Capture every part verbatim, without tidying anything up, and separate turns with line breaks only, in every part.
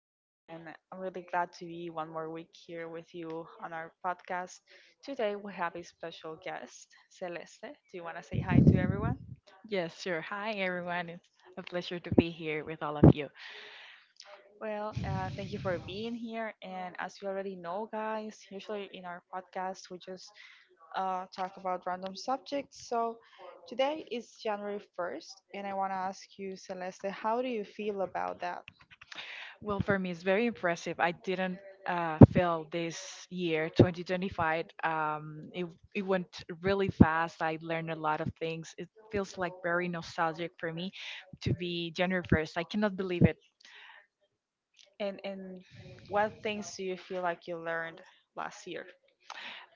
and I'm really glad to be one more week here with you on our podcast. Today, we have a special guest, Celeste. Do you want to say hi to everyone?
Yes, sure. Hi, everyone. It's a pleasure to be here with all of you.
Well, uh, thank you for being here. And as you already know, guys, usually in our podcast, we just uh, talk about random subjects. So today is January first, and I want to ask you, Celeste, how do you feel about that?
Well, for me, it's very impressive. I didn't uh, fail this year, twenty twenty-five. Um, it, it went really fast. I learned a lot of things. It feels like very nostalgic for me to be January first. I cannot believe it.
And, and what do you feel like you learned last year?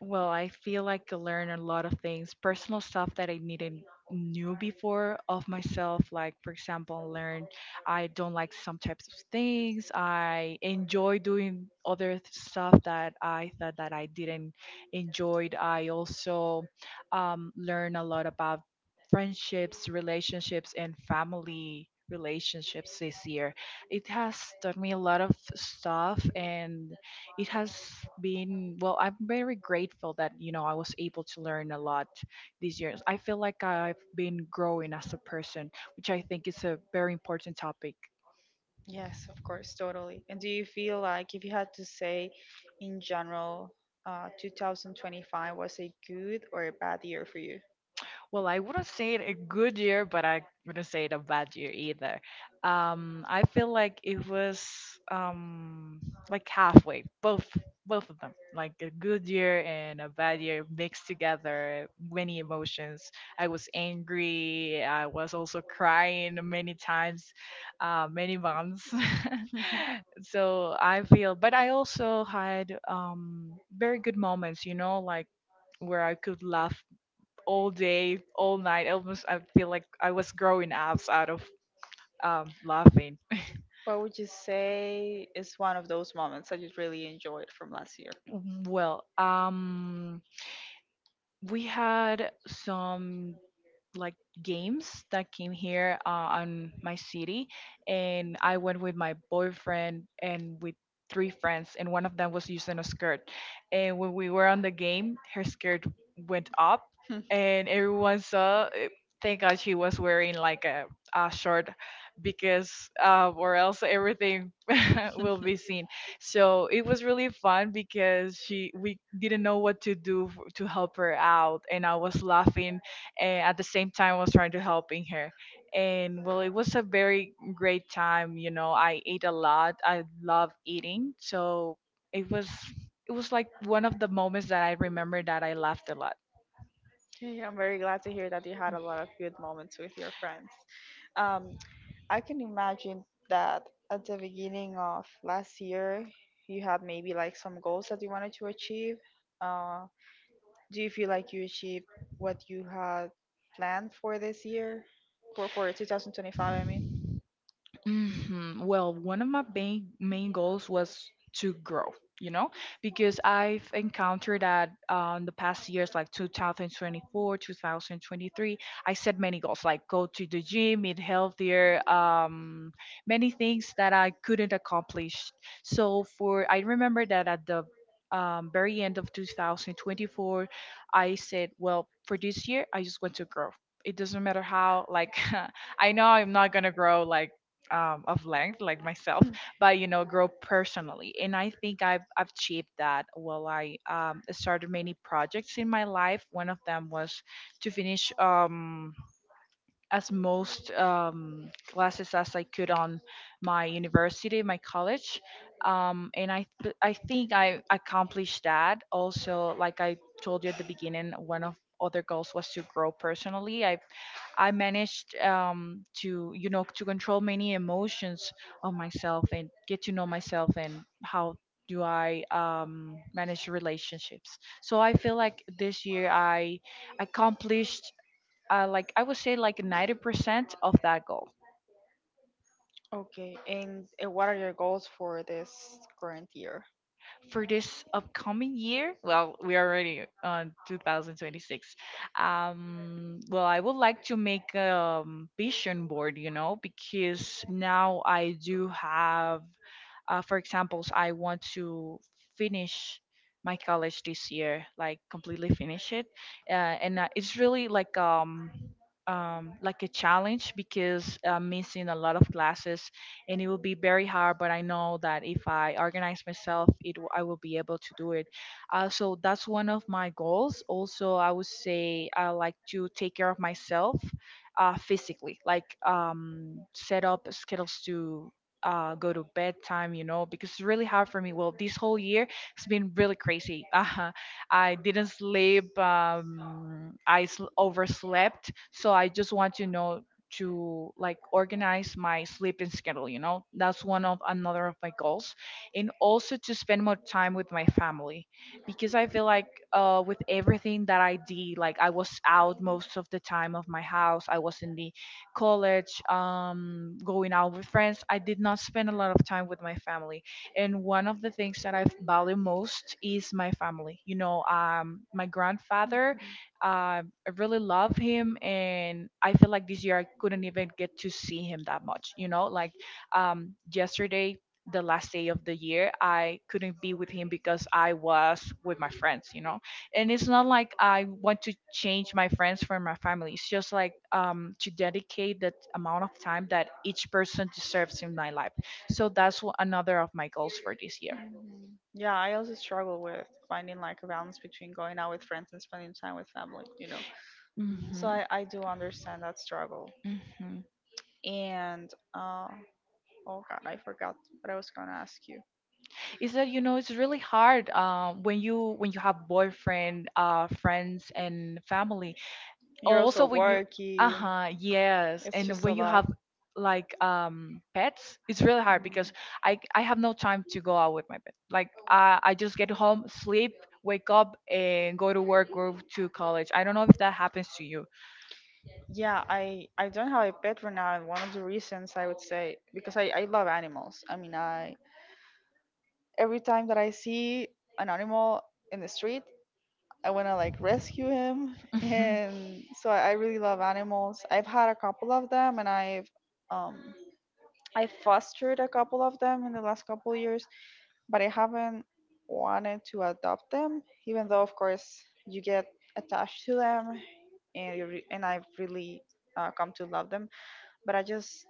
Well, I feel like I learned a lot of things, personal stuff that I needed knew before of myself. Like for example, learned I don't like some types of things. I enjoy doing other th- stuff that I thought that I didn't enjoyed. I also um, learn a lot about friendships, relationships, and family relationships this year. It has taught me a lot of stuff, and it has been, well, I'm very grateful that, you know I was able to learn a lot these years. I feel like I've been growing as a person, which I think is a very important topic.
Yes, of course, totally. And do you feel like if you had to say in general, uh, two thousand twenty-five was a good or a bad year for you?
Well, I wouldn't say it a good year, but I wouldn't say it a bad year either. Um, I feel like it was um like halfway, both both of them, like a good year and a bad year mixed together, many emotions. I was angry. I was also crying many times, uh, many months. So I feel, but I also had um very good moments, you know, like where I could laugh all day, all night. Almost, I feel like I was growing abs out of um, laughing.
What would you say is one of those moments that you really enjoyed from last year?
Well, um, we had some like games that came here uh, on my city, and I went with my boyfriend and with three friends, and one of them was using a skirt. And when we were on the game, her skirt went up, and everyone saw eh, thank god she was wearing like a, a short, because uh, or else everything will be seen. So it was really fun because she we didn't know what to do f- to help her out, and I was laughing, and at the same time I was trying to helping her. And, well, it was a very great time, you know I ate a lot. I love eating, so it was, it was like one of the moments that I remember that I laughed a lot.
Okay, I'm very glad to hear that you had a lot of good moments with your friends. Um, I can imagine that at the beginning of last year, you had maybe like some goals that you wanted to achieve. Uh, Do you feel like you achieved what you had planned for this year? For for twenty twenty-five, I mean.
hmm Well, one of my main main goals was to grow, you know, because I've encountered that, uh, in the past years, like twenty twenty-four, two thousand twenty-three, I set many goals, like go to the gym, eat healthier, um, many things that I couldn't accomplish. So for I remember that at the, um, very end of two thousand twenty-four, I said, well, for this year, I just want to grow. It doesn't matter how, like, I know I'm not gonna grow like, um, of length like myself, but, you know, grow personally. And I think i've I've achieved that. Well, I, um, started many projects in my life. One of them was to finish, um, as most, um, classes as I could on my university, my college, um, and I th- I think I accomplished that. Also, like I told you at the beginning, one of other goals was to grow personally. I I managed, um, to, you know, to control many emotions of myself and get to know myself and how do I, um, manage relationships. So I feel like this year I accomplished, uh, like I would say, like ninety percent of that goal.
Okay, and uh, what are your goals for this current year?
For this upcoming year? Well, we are already on two thousand twenty-six. Um, well, I would like to make a, um, vision board, you know, because now I do have, uh, for examples, I want to finish my college this year, like completely finish it, uh, and uh, it's really like, um um like a challenge because I'm missing a lot of classes, and it will be very hard. But I know that if I organize myself, it w- I will be able to do it, uh, so that's one of my goals. Also, I would say I like to take care of myself, uh, physically, like, um, set up schedules to, uh, go to bedtime, you know, because it's really hard for me. Well, this whole year it's been really crazy. uh, I didn't sleep. Um, i sl- overslept, so I just want to know to like organize my sleeping schedule, you know, that's one of another of my goals. And also to spend more time with my family. Because I feel like, uh, with everything that I did, like I was out most of the time of my house. I was in the college, um, going out with friends. I did not spend a lot of time with my family. And one of the things that I value most is my family, you know. Um, my grandfather,
Mhm.
um I really love him, and I feel like this year I couldn't even get to see him that much. You know, like, um, yesterday, the last day of the year, I couldn't be with him because I was with my friends. You know, and it's not like I want to change my friends from my family. It's just like, um, to dedicate that amount of time that each person deserves in my life. So that's wha- another of my goals for this year.
Yeah, I also struggle with finding like a balance between going out with friends and spending time with family, you know. So
hmm
I, I do understand that struggle.
hmm
And uh, oh god, I forgot what I was gonna ask you.
is that, you know, it's really hard, uh, when you when you have boyfriend, uh, friends and family, also when you...
Turkey.
Uh-huh, yes. And when you have like, um pets, it's really hard because i I have no time to go out with my pet. Like, i I just get home, sleep, wake up, and go to work, go to college. I don't know if that happens to you.
Yeah, I I don't have a pet for now, and one of the reasons I would say because I I love animals. I mean, I every time that I see an animal in the street, I want to like rescue him.
Mhm,
And so I, I really love animals. I've had a couple of them, and I've um I fostered a couple of them in the last couple of years, but I haven't wanted to adopt them, even though of course you get attached to them and you re- and I've really uh, come to love them, but I just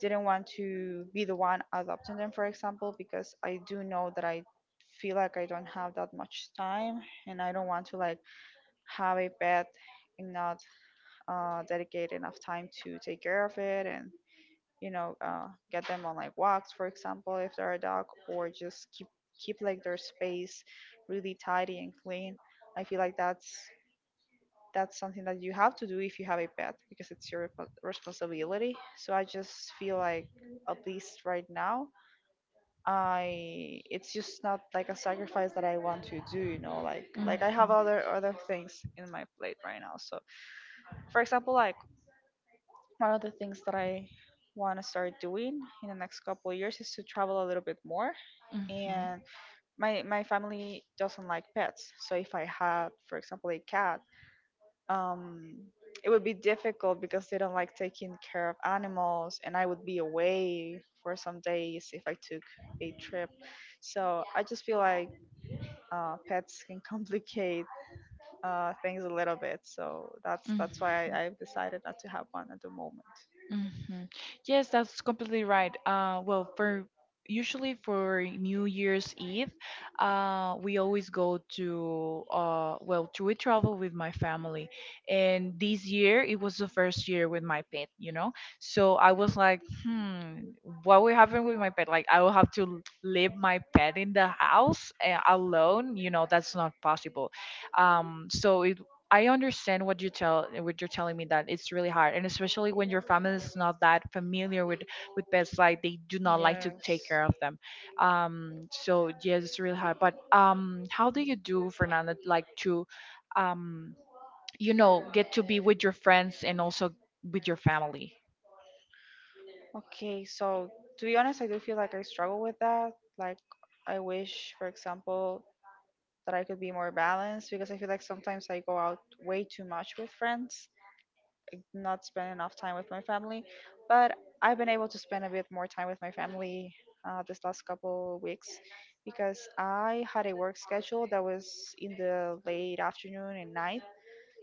didn't want to be the one adopting them, for example, because I do know that I feel like I don't have that much time and I don't want to like have a pet and not uh, dedicate enough time to take care of it, and, you know, uh, get them on like walks, for example, if they're a dog, or just keep keep like their space really tidy and clean. I feel like that's that's something that you have to do if you have a pet, because it's your repo- responsibility. So I just feel like, at least right now, I it's just not like a sacrifice that I want to do, you know, like like I have other other things in my plate right now. So for example, like, one of the things that I want to start doing in the next couple of years is to travel a little bit more.
mhm,
And my my family doesn't like pets, so if I had, for example, a cat, um, it would be difficult because they don't like taking care of animals, and I would be away for some days if I took a trip. So I just feel like uh, pets can complicate uh, things a little bit. So that's that's
mhm,
why I, I've decided not to have one at the moment.
hmm. Yes, that's completely right. Uh, well, for usually for New Year's Eve, uh, we always go to, uh, well, to we travel with my family, and this year it was the first year with my pet, you know. So I was like, hmm, what will happen with my pet? Like, I will have to leave my pet in the house, uh, alone. You know, that's not possible. Um, so it I understand what you tell what you're telling me, that it's really hard, and especially when your family is not that familiar with, with pets, like they do not like to take care of them. Um, so yes, it's really hard. But, um, how do you do, Fernanda, like to, um, you know, get to be with your friends and also with your family?
Okay, so to be honest, I do feel like I struggle with that. Like, I wish, for example, that I could be more balanced, because I feel like sometimes I go out way too much with friends, not spend enough time with my family. But I've been able to spend a bit more time with my family uh, this last couple weeks, because I had a work schedule that was in the late afternoon and night.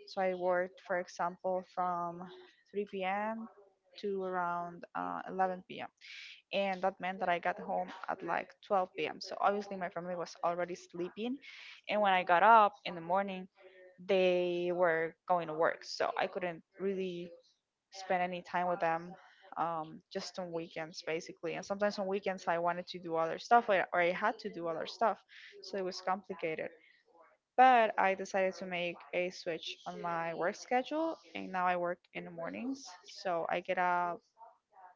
So I worked, for example, from three p m to around uh, eleven p m. And that meant that I got home at like twelve p m. So obviously my family was already sleeping. And when I got up in the morning, they were going to work. So I couldn't really spend any time, um, just on weekends basically. And sometimes on weekends I wanted to do other stuff, or, or I had to do other stuff. So it was complicated. But I decided to make a switch on my work schedule. And now I work in the mornings. So I get up,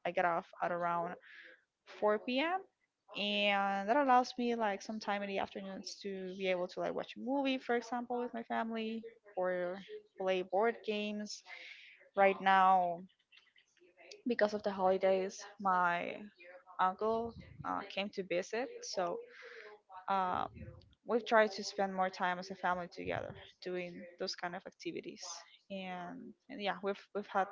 I get off at around four p m. And that allows me like some time in the afternoons to be able to like watch a movie, for example, with my family, or play board games. Now, because of the holiday, uh, he came to visit, we've tried to spend more time as a family together, those kind of activities. And, and yeah, we've we've had.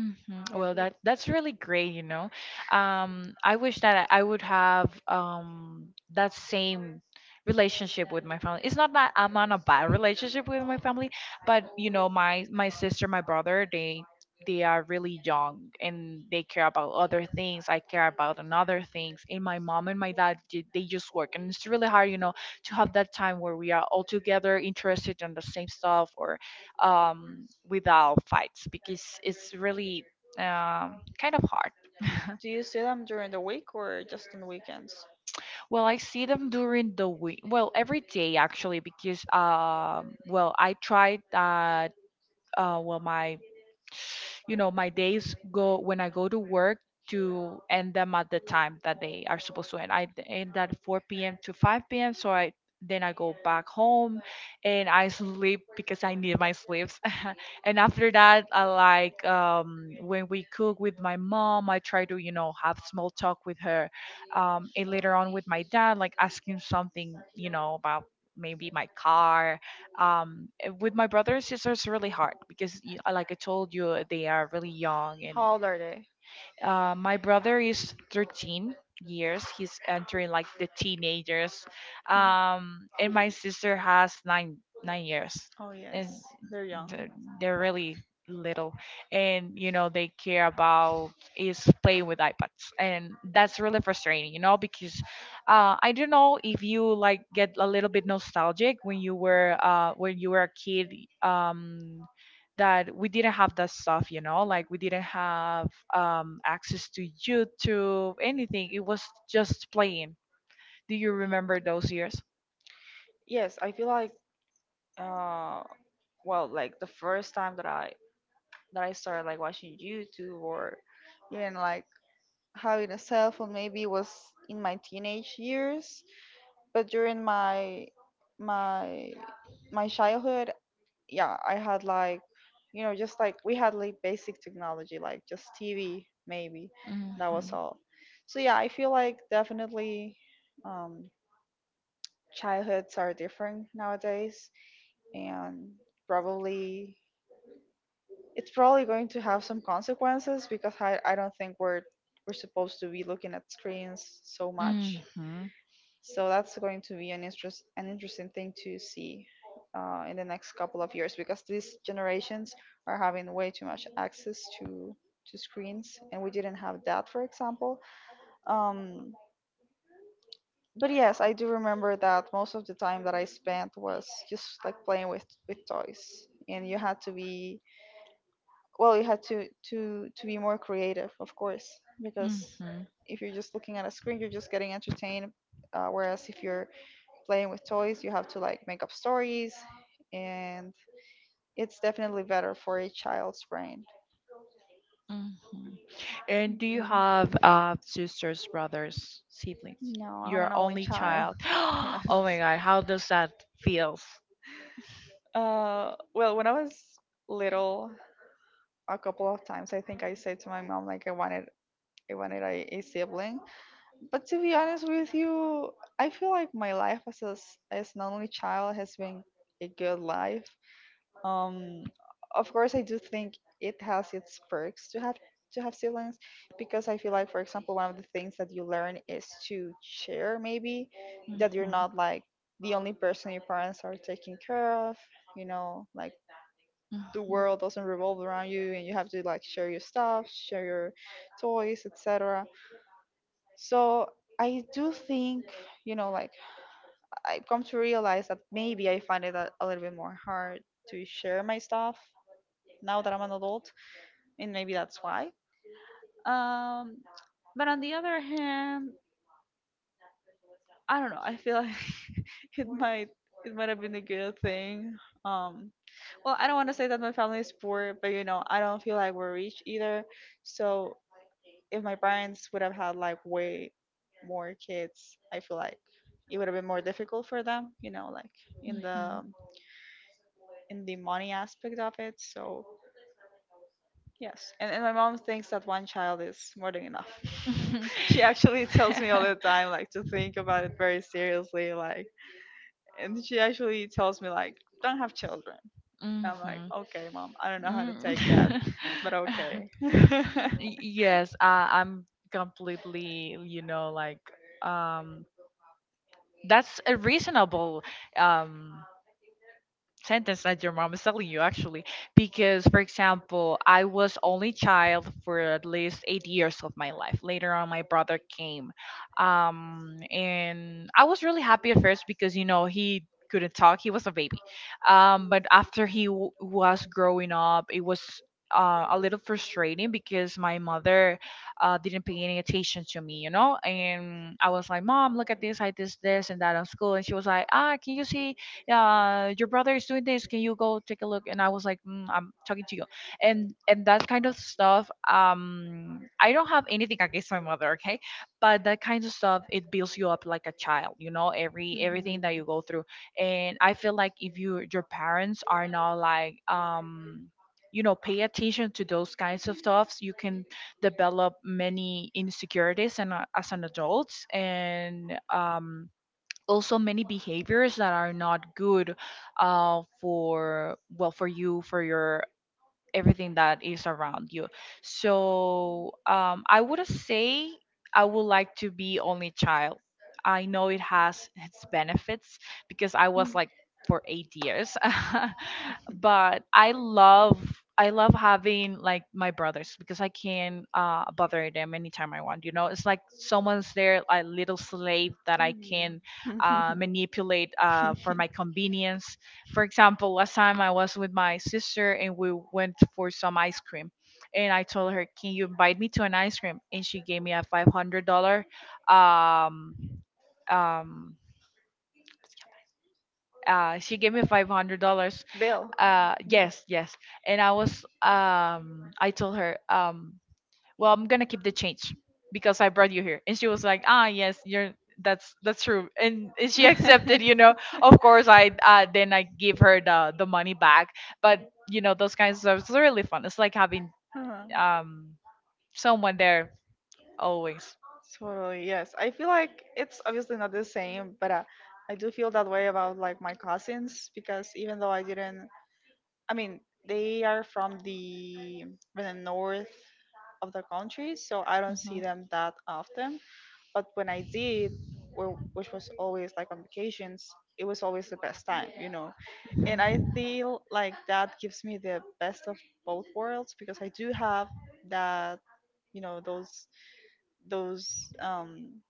hmm Well, that that's really great, you know. Um, I wish that I I would have um that same relationship with my family. It's not that I'm on a bad relationship with my family, but, you know, my my sister, my brother, they they are really young, and they care about other things. I care about another things. And my mom and my dad, ju- they just work, and it's really hard, you know, to have that time where we are all together, interested in the same stuff, or, um, without fights, because it's really, um, kind of hard.
To use them during the week, or
Well, I see them during the week. Well, every day actually. Because, um, well, I tried, uh, uh, well, my, you know, my days go when I go to work to end them at the time that they are supposed to end. I end at four p m to five p m. So I then I go back home, and I sleep because I need my sleeps. And after that, I like, um, when we cook with my mom, I try to, you know, have small talk with her, um, and later on with my dad, like asking something, you know, about maybe my car, um eh, with my brother and sister. It's really hard because, y- uh, like I told you, they are really young. And,
how old are they?
uh, my brother is thirteen years. He's entering like the teenagers. Um, and my sister has nine nine years,
Oh
and
yes, they're young.
they're, they're really little. And you know they care about is playing with iPads, and that's really frustrating. You know, because, uh, I don't know if you like get a little bit nostalgic when you were uh, when you were a kid. Um, that we didn't have that stuff, you know, like we didn't have, um, access to YouTube, anything. It was just playing. Do you remember those years?
Yes, I feel like uh, well, like the first time that I that I started like watching YouTube or even like having a cell phone maybe was in my teenage years, but during my my my childhood, yeah, I had like, you know, just like we had like basic technology, like just T V, maybe. That was all. So yeah, I feel like definitely um, childhoods are different nowadays, and probably it's probably going to have some consequences, because I, I don't think we're we're supposed to be looking at screens so much. So that's going to be an interest an interesting thing to see uh, in the next couple of years, because these generations are having way too much access to to screens, and we didn't have that, for example. Um, but yes, I do remember that most of the time that I spent was just like playing with with toys. And you had to be, well, you had to to to be more creative, of course, because if you're just looking at a screen, you're just getting entertained. Uh, whereas if you're playing with toys, you have to like make up stories, and it's definitely better for a child's brain.
And do you
Mhm.
have, uh, sisters, brothers, siblings?
No, I'm
Your
an only
only
child.
child. Oh
Yes.
my God, how does that feels?
Uh, well, when I was little, a couple of times I think I said to my mom like I wanted I wanted a, a sibling. But to be honest with you, I feel like my life as a, s- as an only child has been a good life. Um, of course, I do think it has its perks to have to have siblings, because I feel like, for example, one of the things that you learn is to share. Maybe that you're not like the only person your parents are taking care of. You know, like the world doesn't revolve around you, and you have to like share your stuff, share your toys, et cetera. So I do think, you know, like I've come to realize that maybe I find it a, a little bit more hard to share my stuff now that I'm an adult, and maybe that's why. Um, but on the other hand, I don't know. I feel like it might it might have been a good thing. Um, well, I don't want to say that my family is poor, but you know, I don't feel like we're rich either. So if my parents would have had like way more kids, I feel like it would have been more difficult for them. You know, like in the in the money aspect of it. So yes, and, and my mom thinks that one child is more than enough. She actually tells me all the time, like, to think about it very seriously, like, and she actually tells me, like, don't have children. And I'm like,
Mhm.
okay, mom, I don't know how to take that,
Mm.
but okay.
Y- Yes, uh, I'm completely, you know, like um that's a reasonable um sentence that your mom is telling you actually. Because for example, I was only child for at least eight years of my life. Later on my brother came. Um and I was really happy at first because you know he couldn't talk, he was a baby. um but after he w- was growing up it was uh, a little frustrating because my mother uh, didn't pay any attention to me, you know. And I was like, "Mom, look at this, I did this, this, and that on school." And she was like, "Ah, can you see? Uh, your brother is doing this. Can you go take a look?" And I was like, "Mm, I'm talking to you," and and that kind of stuff. Um, I don't have anything against my mother, okay, but that kind of stuff it builds you up like a child. You know, every everything that you go through, and I feel like if you your parents are not like um you know pay attention to those kinds of stuffs, you can develop many insecurities and uh, as an adult. And um also many behaviors that are not good uh, for, well, for you, for your everything that is around you. So um, I would say I would like to be only child. I know it has its benefits because I was like for eight years, but I love, I love having like my brothers because I can uh, bother them anytime I want. You know, it's like someone's there, a little slave that I
Bill.
can uh,
Mhm.
manipulate uh, for my convenience. For example, last time I was with my sister and we went for some ice cream. And I told her, "Can you invite me to an ice cream?" And she gave me a five hundred dollar. Um, um, uh, she gave me five hundred dollars. Uh, yes, yes. And I was, um, I told her, um, "Well, I'm gonna keep the change because I brought you here." And she was like, "Ah, yes, you're, that's that's true." And, and she
Bill.
accepted, you know. Of course I uh, then I give her the the money back. But you know those kinds of stuff it's really fun. It's like having
Uh-huh.
um someone there always.
Totally, yes. I feel like it's obviously not the same, but uh, I do feel that way about like my cousins, because even though I didn't, I mean, they are from the from the north of the country, so I don't see
Mhm.
them that often. But when I did, wh- which was always like on vacations, it was always the best time, you know. And I feel like that gives me the best of both worlds, because I do have that, you know, those those um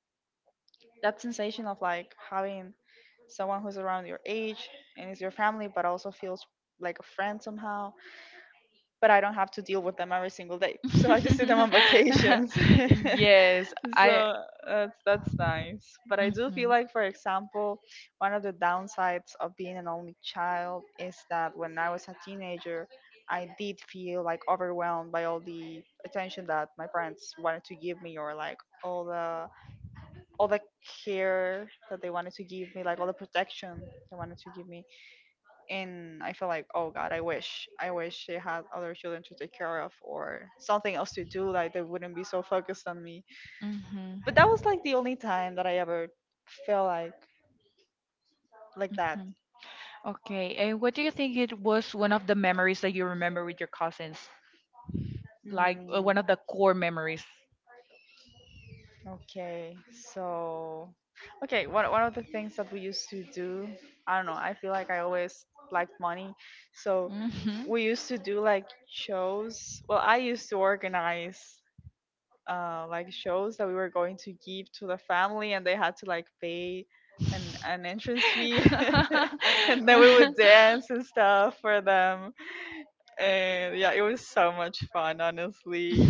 that sensation of like having someone who's around your age and is your family but also feels like a friend somehow, but I don't have to deal with them every single day. So I just see them on vacations.
yes i
So that's that's nice, but I do
mhm,
feel like, for example, one of the downsides of being an only child is that when I was a teenager, I did feel like overwhelmed by all the attention that my parents wanted to give me, or like all the all the care that they wanted to give me, like all the protection they wanted to give me. And I felt like, oh God, I wish, I wish they had other children to take care of, or something else to do, like they wouldn't be so focused on me.
mhm,
But that was like the only time that I ever felt like like that.
okay, and what do you think it was one of the memories that you remember with your cousins?
Hmm.
Like uh, one of the core memories?
Okay, so okay, one one of the things that we used to do, I don't know, I feel like I always liked money. So
Hmm.
we used to do like shows. Well, I used to organize uh like shows that we were going to give to the family, and they had to like pay an an entrance fee and then we would dance and stuff for them. And yeah, it was so much fun, honestly.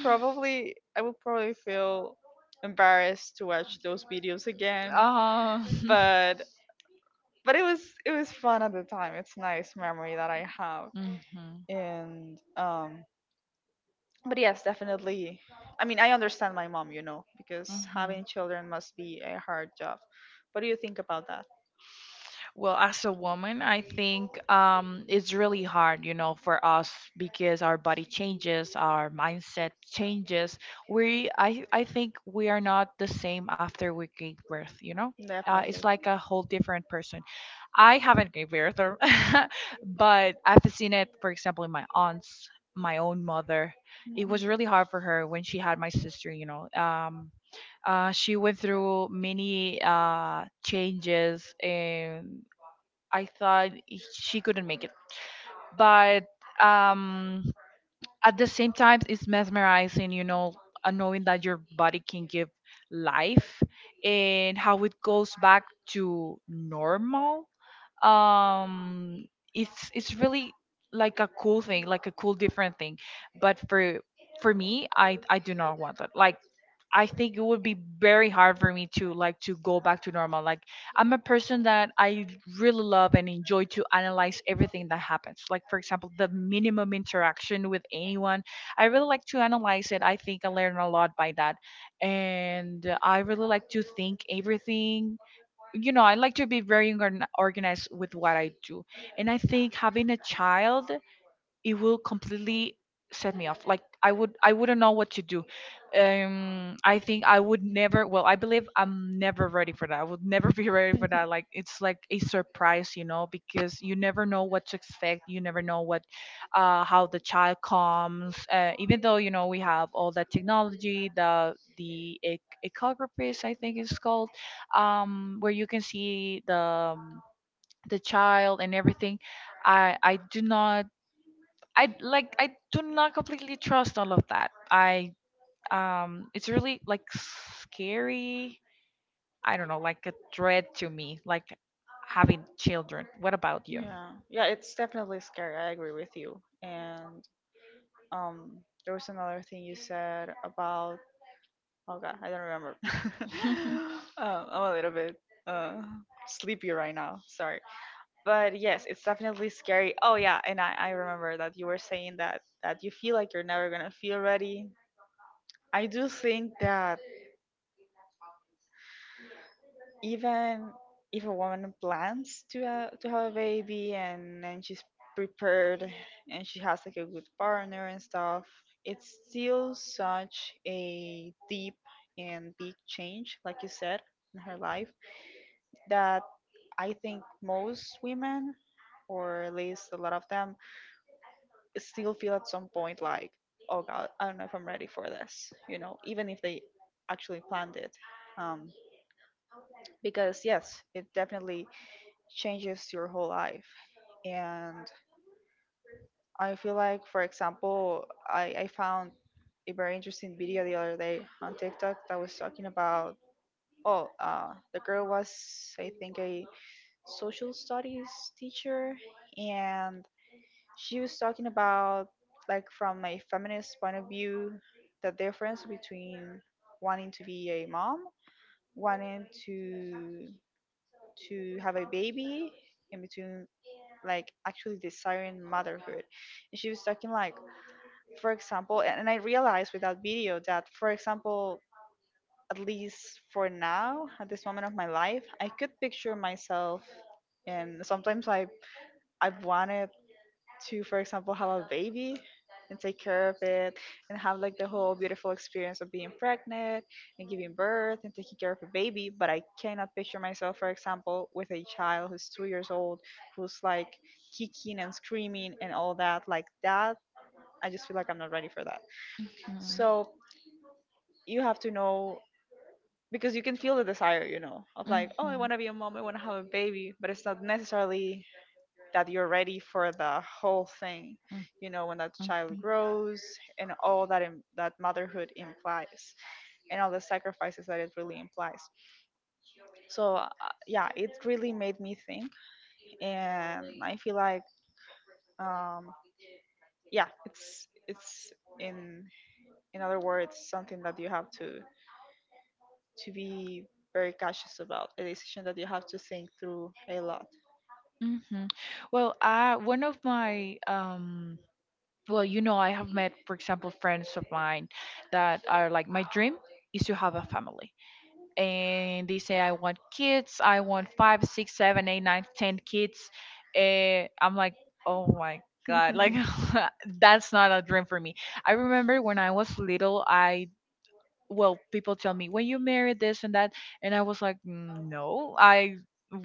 Probably I would probably feel embarrassed to watch those videos again.
Oh.
But but it was it was fun at the time. It's nice memory that I have.
Hmm.
And um but yes, definitely. I mean, I understand my mom, you know, because having
Mhm.
children must be a hard job. What do you think about that?
Well, as a woman, I think um, it's really hard, you know, for us because our body changes, our mindset changes. We, I, I think we are not the same after we gave birth, you know. Uh, it's
Definitely.
like a whole different person. I haven't gave birth, or but I've seen it, for example, in my aunts, my own mother. It was really
Mhm.
hard for her when she had my sister, you know. Um, uh, she went through many uh, changes, and I thought she couldn't make it. But um, at the same time, it's mesmerizing, you know, uh, knowing that your body can give life and how it goes back to normal. Um it's it's really like a cool thing, like a cool different thing. But for for me, i i do not want that. Like I think it would be very hard for me to like to go back to normal. Like I'm a person that I really love and enjoy to analyze everything that happens. Like for example the minimum interaction with anyone, I really like to analyze it. I think I learn a lot by that, and I really like to think everything, you know. I like to be very organ- organized with what I do. And I think having a child, it will completely set me off. Like I would, I wouldn't know what to do. um I think I would never, well, I believe I'm never ready for that. I would never be ready for that. Like it's like a surprise, you know, because you never know what to expect, you never know what, uh how the child comes, uh, even though you know we have all that technology, the the ec- echographist I think it's called, um where you can see the um, the child and everything. I I do not, I like I do not completely trust all of that. I um it's really like scary. I don't know, like a dread to me, like having children. What about you?
Yeah, yeah, it's definitely scary. I agree with you. And um, there was another thing you said about. Oh God, I don't remember. um, I'm a little bit uh, sleepy right now. Sorry, but yes, it's definitely scary. Oh yeah, and I, I remember that you were saying that that you feel like you're never gonna feel ready. I do think that even if a woman plans to uh, to have a baby, and and she's prepared and she has like a good partner and stuff, it's still such a deep and big change, like you said, in her life, that I think most women, or at least a lot of them, still feel at some point like, oh God, I don't know if I'm ready for this, you know, even if they actually planned it. Um, because, yes, it definitely changes your whole life. And I feel like, for example, I, I found a very interesting video the other day on TikTok that was talking about, oh, uh, the girl was, I think, a social studies teacher, and she was talking about like, from a feminist point of view, the difference between wanting to be a mom, wanting to to have a baby, in between, like actually desiring motherhood. And she was talking like, for example, and, and I realized with that video that, for example, at least for now, at this moment of my life, I could picture myself, and sometimes i i've wanted to, for example, have a baby and take care of it, and have like the whole beautiful experience of being pregnant and giving birth and taking care of a baby. But I cannot picture myself, for example, with a child who's two years old, who's like kicking and screaming and all that. Like that, I just feel like I'm not ready for that. So you have to know, because you can feel the desire, you know, of like, oh, I want to be a mom, I want to have a baby, but it's not necessarily that you're ready for the whole thing, you know, when that child grows, and all that Im- that motherhood implies, and all the sacrifices that it really implies. So uh, yeah, it really made me think. And I feel like, um yeah, it's it's in in other words, something that you have to to be very cautious about, a decision that you have to think through a lot.
Hmm. Well, I, one of my um well, you know, I have met, for example, friends of mine that are like, "My dream is to have a family." And they say, "I want kids, I want five, six, seven, eight, nine, ten kids." And I'm like, "Oh my god," like that's not a dream for me. I remember when I was little, I, well, people tell me, "When you marry, this and that," and I was like, "Mm, no, I,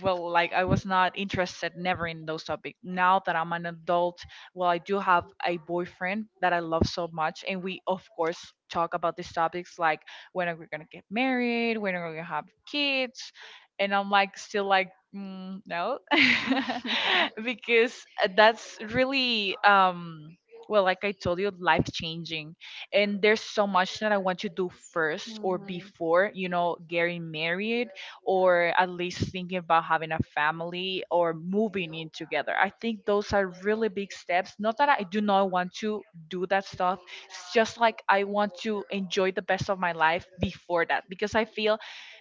well," like I was not interested never in those topics. Now that I'm an adult, well, I do have a boyfriend that I love so much, and we of course talk about these topics like when are we gonna get married, when are we gonna have kids. And I'm like still like, "Mm, no." Because uh, that's really um well like I told you, life changing. And there's so much that I want to do first or before, you know, getting married or at least thinking about having a family or moving in together. I think those are really big steps. Not that I do not want to do that stuff. It's just like I want to enjoy the best of my life before that, because I feel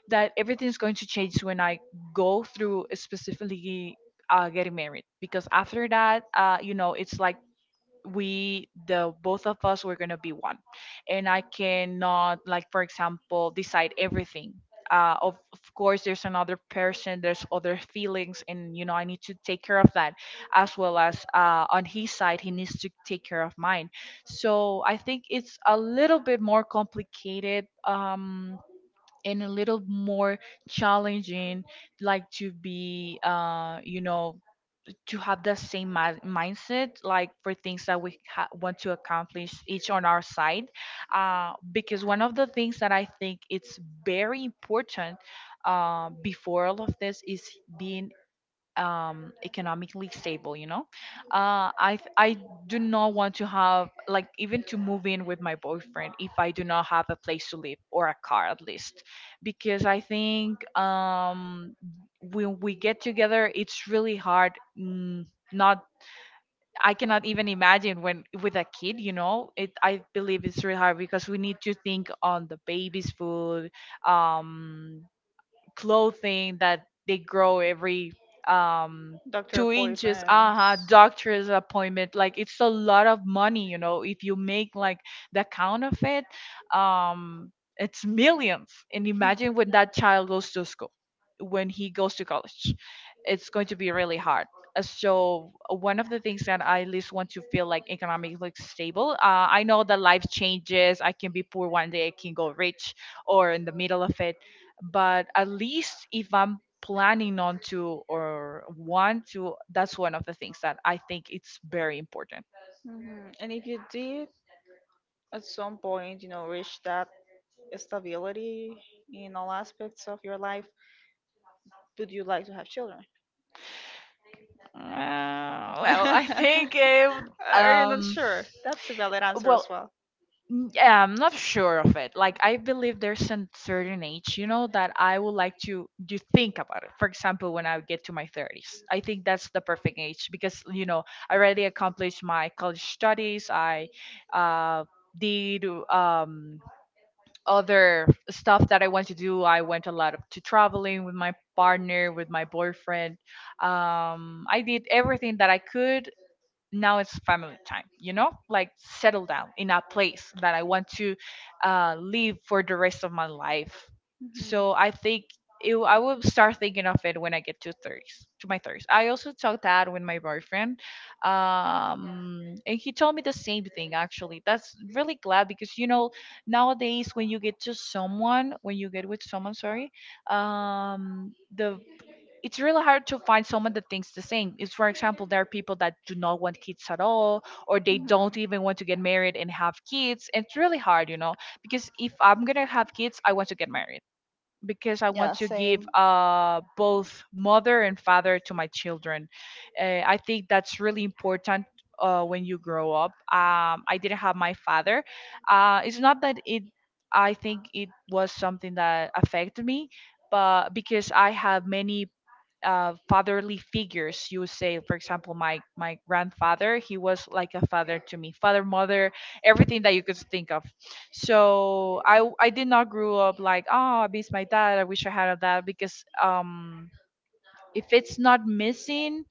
that everything's going to change when I go through, specifically uh, getting married. Because after that, uh, you know, it's like we, the both of us, we're gonna be one. And I cannot, like for example, decide everything uh, of, of course there's another person, there's other feelings, and you know I need to take care of that as well as uh, on his side he needs to take care of mine. So I think it's a little bit more complicated, um, and a little more challenging, like to be uh, you know, to have the same mi- mindset like for things that we ha- want to accomplish each on our side. Uh, because one of the things that I think it's very important uh, before all of this is being um economically stable, you know. Uh i th- i do not want to have, like, even to move in with my boyfriend if I do not have a place to live or a car at least. Because I think um when we get together it's really hard. Mm, not, I cannot even imagine when with a kid, you know, it. I believe it's really hard because we need to think on the baby's food, um, clothing that they grow every um
Doctor
two inches, uh-huh, doctor's appointment. Like it's a lot of money, you know, if you make like the count of it. um it's millions. And imagine when that child goes to school, when he goes to college, it's going to be really hard. Uh, so uh, one of the things that I at least want to feel like economically stable. Uh, I know that life changes. I can be poor one day, I can go rich, or in the middle of it. But at least if I'm planning on to or want
appointments.
to, that's one of the things that I think it's very important.
Hmm. And if you did, at some point, you know, reach that stability in all aspects of your life, would you like to have children?
Uh, well, I think if
Are you not
um,
sure? That's a valid answer
well,
as well.
N- yeah, I'm not sure of it. Like I believe there's a certain age, you know, that I would like to you think about it. For example, when I get to my thirties, I think that's the perfect age. Because you know I already accomplished my college studies. I uh, did um, other stuff that I want to do. I went a lot of, to traveling with my partner, with my boyfriend. Um, I did everything that I could. Now it's family time, you know, like settle down in a place that I want to uh, live for the rest of my life. So I think it, I will start thinking of it when I get to thirties, to my thirties. I also talked that with my boyfriend, um, and he told me the same thing actually. That's really glad because you know nowadays when you get to someone, when you get with someone, sorry, um, the, it's really hard to find someone that thinks the same. Is for example, there are people that do not want kids at all, or they don't even
Mhm.
want to get married and have kids. It's really hard, you know, because if I'm gonna have kids, I want to get married. Because I want
Yeah,
to give
same.
uh, both mother and father to my children. Uh, I think that's really important. Uh, when you grow up, um, I didn't have my father. Uh, it's not that it. I think it was something that affected me, but because I have many uh, fatherly figures, you would say. For example, my my grandfather, he was like a father to me. Father, mother, everything that you could think of. So i w- i did not grow up like, oh, I miss my dad, I wish I had a dad, because um if it's not missing,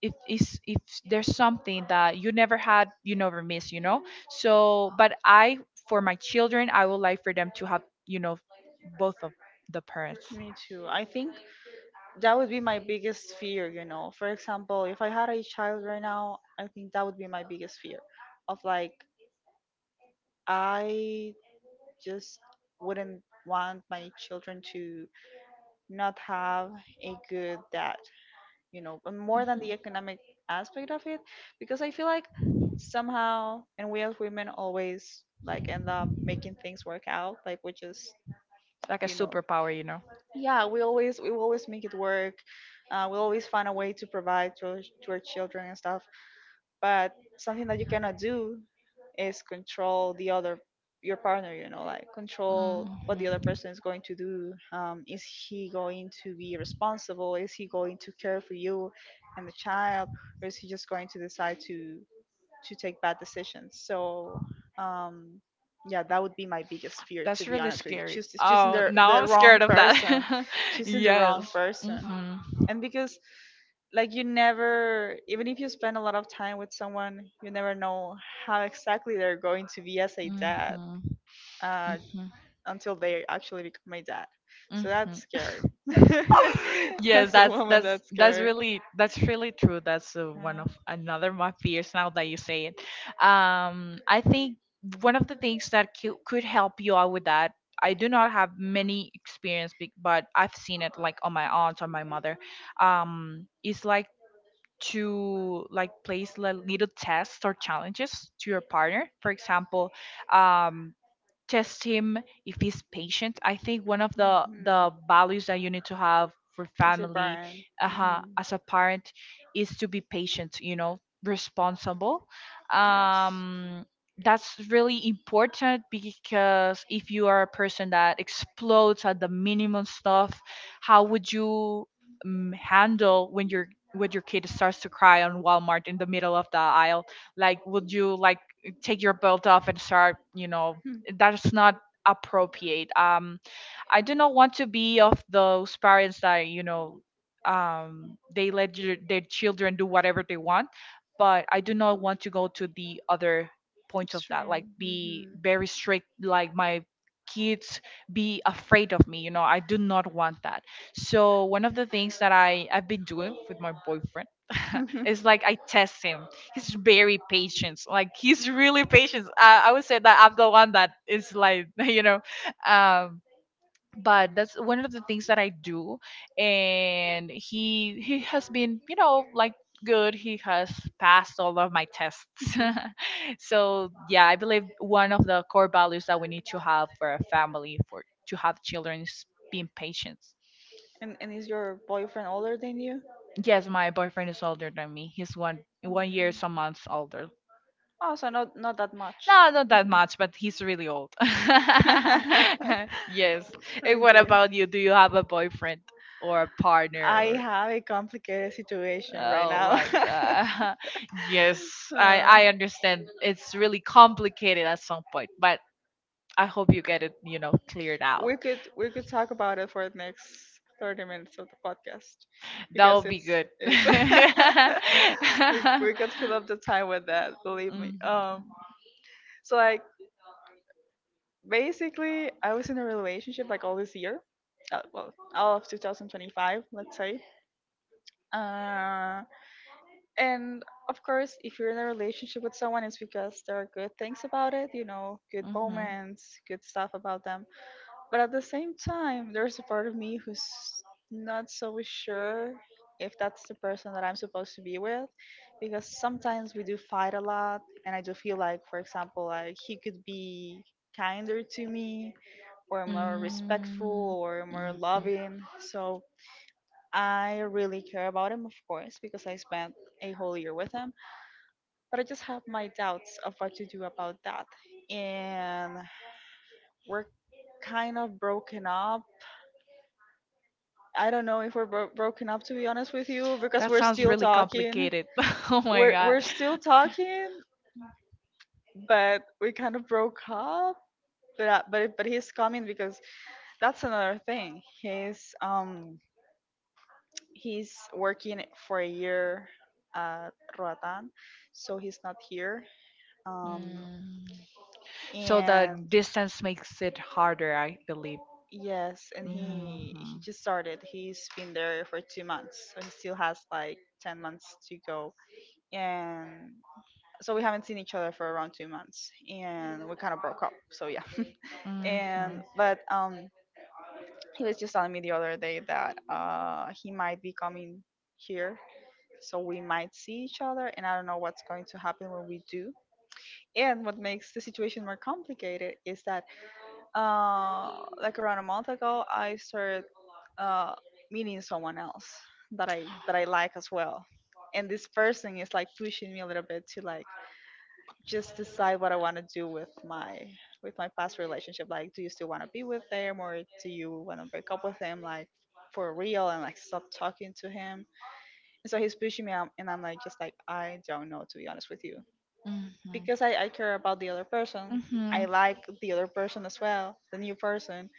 if is, if there's something that you never had, you never miss, you know. So but I, for my children, I would like for them to have, you know, both of the parents.
Me too. I think that would be my biggest fear, you know. For example, if I had a child right now, I think that would be my biggest fear of like, I just wouldn't want my children to not have a good dad, you know, and more than
Mhm.
the economic aspect of it, because I feel like somehow, and we as women always like end up making things work out, like we just,
Like a
you know.
superpower, you know
Yeah, we always we always make it work. Uh, we always find a way to provide to our, to our children and stuff. But something that you cannot do is control the other, your partner, you know, like control
Mhm.
what the other person is going to do. Um, is he going to be responsible? Is he going to care for you and the child? Or is he just going to decide to to take bad decisions. So, um, yeah, that would be my biggest fear, to
That's
be
really
honest with you.
scary.
Choose, choosing
Oh,
the,
now
the
I'm
wrong
scared of
person,
that.
choosing the wrong
Yes.
person.
Mhm.
And because, like, you never, even if you spend a lot of time with someone, you never know how exactly they're going to be as a dad
Mhm.
uh,
Mhm.
until they actually become my dad. So that's
Mhm.
scary.
Yes,
As a
that's
woman,
that's
that's
that's
scary.
really that's really true that's uh, one of another my fears now that you say it. Um i think one of the things that cou- could help you out with that. I do not have many experience be- but I've seen it like on my aunt or my mother. Um it's like to like place li- little tests or challenges to your partner, for example. um, Test him if he's patient.
Yeah.
I think one of the the
Hmm.
values that you need to have for
That's it.
family, uh,
Hmm.
as a parent, is to be patient, you know, responsible. Um that's really important, because if you are a person that explodes at the minimum stuff, how would you um, handle when your when your kid starts to cry on Walmart in the middle of the aisle? Like, would you like take your belt off and start, you know,
Hmm.
that's not appropriate. um I do not want to be of those parents that you know um they let your, their children do whatever they want. But I do not want to go to the other point of that, like be
Hmm.
very strict, like my kids be afraid of me, you know, I do not want that. So one of the things that i i've been doing with my boyfriend is like I test him. He's very patient. Like, he's really patient. I, I would say that I'm the one that is like, you know, um, but that's one of the things that I do. And he he has been, you know, like, good. He has passed all of my tests.
Know,
So yeah, I believe one of the core values that we need to have for a family, for to have children, is being patient.
and and is your boyfriend older than you?
Yes, my boyfriend is older than me. He's one one year some months older.
Oh, so not not that much.
No, not that much, but he's really old. Yes. And what about you? Do you have a boyfriend or a partner?
I
Or...
have a complicated situation. Yes,
Oh my
I,
god.
I
Yes, I
Uh,
I understand. It's really complicated at some point,
as
but I hope you get it, you know, cleared out.
we could we could talk about it for the next thirty minutes of the podcast. That
That
because
would be
it's
good.
it's we we could fill up the time with that, believe me.
Mhm.
Um so like, basically I was in a relationship like all this year. Uh, well, all of two thousand twenty-five, let's say. Uh and of course, if you're in a relationship with someone, it's because there are good things about it, you know, good
Mm-hmm.
moments, good stuff about them. But at the same time, there's a part of me who's not so sure if that's the person that I'm supposed to be with, because sometimes we do fight a lot, and I do feel like, for example, like he could be kinder to me, or more
Mm-hmm.
respectful or more loving. So I really care about him, of course, because I spent a whole year with him, but I just have my doubts of what to do about that. And we're kind of broken up. I don't know if we're bro- broken up, to be honest with you, because
That
we're
sounds
still
really
talking.
complicated. Oh my
We're
god.
we're still talking, but we kind of broke up. But I- but but he's coming, because that's another thing. He's um he's working for a year at Roatan, so he's not here. Um
Mm. So the
and
distance makes it harder, I believe.
yes, and he
Mm-hmm.
he just started. He's been there for two months, so he still has like ten months to go. And so we haven't seen each other for around two months, and we kind of broke up. So yeah, and
Mm-hmm.
but um, he was just telling me the other day that uh he might be coming here, so we might see each other, and I don't know what's going to happen when we do. And what makes the situation more complicated is that uh, like around a month ago, I started uh, meeting someone else that I that I like as well, and this person is like pushing me a little bit to like just decide what I want to do with my with my past relationship. Like, do you still want to be with him, or do you want to break up with him? Like, for real, and like stop talking to him. And so he's pushing me out, and I'm like, just like, I don't know, to be honest with you, because
Mm-hmm.
i, I care about the other person.
Mm-hmm.
I like the other person as well, the new person,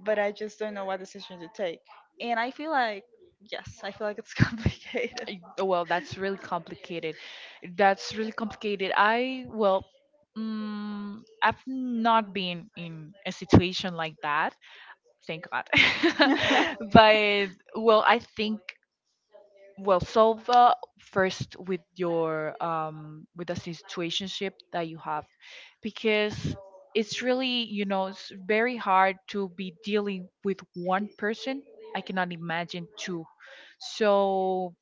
but I just don't know what decision to take. And I feel like, yes, I feel like it's complicated.
Y- Well, that's really complicated. That's really complicated. I, well, mm, I've not been in a situation like that. Thank God. But well, I think, well, solve uh, first with your um with the situationship that you have, because it's really, you know, it's very hard to be dealing with one person. I cannot imagine two. So,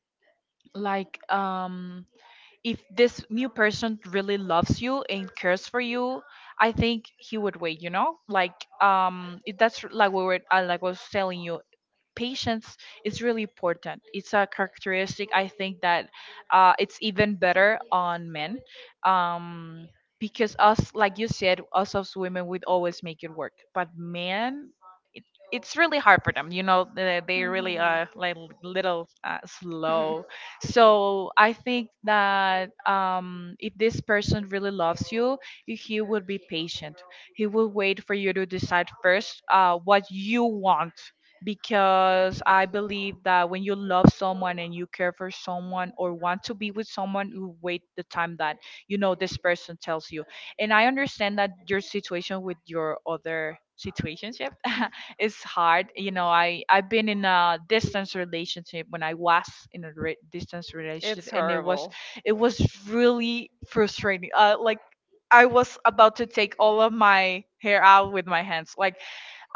like, um if this new person really loves you and cares for you, I think he would wait, you know, like, um it, that's like we were, uh, like, was telling you. Patience is really important. It's a characteristic I think that, uh, it's even better on men. Um, because us, like you said, us as women, we'd always make it work. But men, it, it's really hard for them. You know, they, they really
Mhm.
are like little, uh,
Mhm.
slow. So I think that, um, if this person really loves you, he would be patient. He will wait for you to decide first, uh, what you want, because I believe that when you love someone and you care for someone or want to be with someone, you wait the time that, you know, this person tells you. And I understand that your situation with your other situationship is hard. You know, I I've been in a distance relationship. When I was in a re- distance relationship,
It's
and it was
horrible.
it was really frustrating. Uh, like, I was about to take all of my hair out with my hands. Like,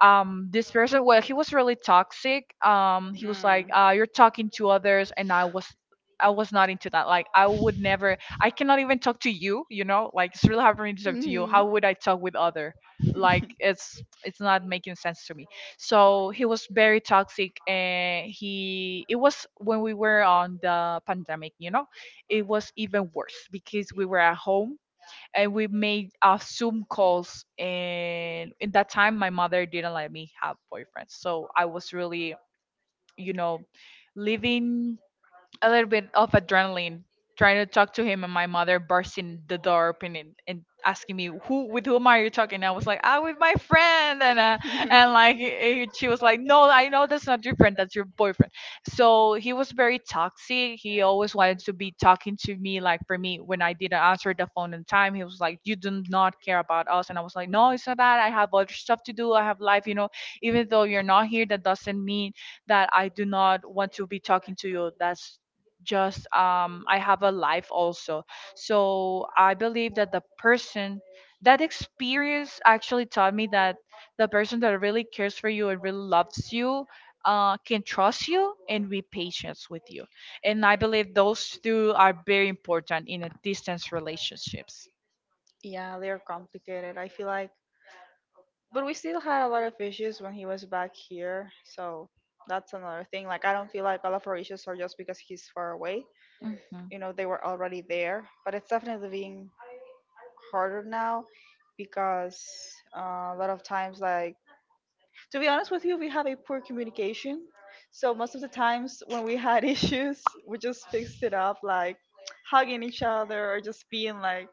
um this person, well, he was really toxic. Um he was like,
Mm.
uh you're talking to others, and i was i was not into that. Like, I would never, I cannot even talk to you, you know, like, it's really hard for me to talk to you, how would I talk with other. Like, it's it's not making sense to me. So he was very toxic, and he, it was when we were on the pandemic, you know, it was even worse because we were at home. And we made uh, Zoom calls. And in that time, my mother didn't let me have boyfriends, so I was really, you know, living a little bit of adrenaline, trying to talk to him, and my mother burst in the door open, and, and asking me who, with whom are you talking. I was like, ah, with my friend. And uh, and like, eh, eh, she was like, no, I know that's not your friend, that's your boyfriend. So he was very toxic, he always wanted to be talking to me. Like, for me, when I didn't answer the phone in time, he was like, you do not care about us. And I was like, no, it's not that, I have other stuff to do, I have life, you know. Even though you're not here, that doesn't mean that I do not want to be talking to you. That's just, um I have a life also. So I believe that the person, that experience actually taught me that the person that really cares for you and really loves you, uh, can trust you and be patient with you. And I believe those two are very important in a distance relationships.
Yeah, they're complicated. I feel like, but we still had a lot of issues when he was back here. So that's another thing. Like, I don't feel like all of our issues are just because he's far away.
Mhm.
You know, they were already there. But it's definitely being harder now, because uh, a lot of times, like, to be honest with you, we have a poor communication. So most of the times when we had issues, we just fixed it up like hugging each other, or just being like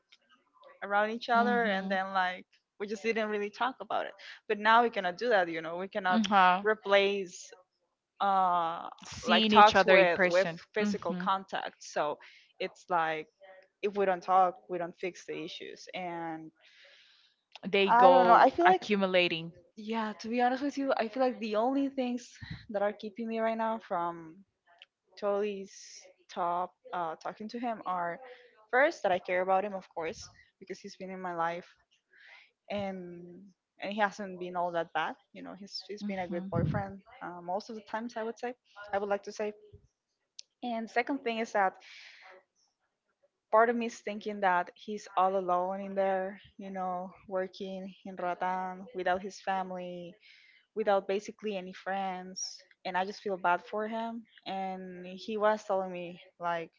around each other, and then like we just didn't really talk about it. But now we
Mhm.
cannot do that, you know. We cannot
Uh-huh.
replace uh like
Seeing each
talks
other in
with with
person.
physical
Hmm.
contact. So it's like, if we don't talk, we don't fix the issues, and
They
I don't know.
go
I feel like
accumulating.
yeah, To be honest with you, I feel like the only things that are keeping me right now from totally stop uh, talking to him are, first, that I care about him, of course, because he's been in my life and and he hasn't been all that bad. You know, he's he's
Hmm.
been a good
Hmm.
boyfriend uh, most of the times. I would say, I would like to say. And second thing is that part of me is thinking that he's all alone in there, you know, working in Rotan without his family, without basically any friends, and I just feel bad for him. And he was telling me, like,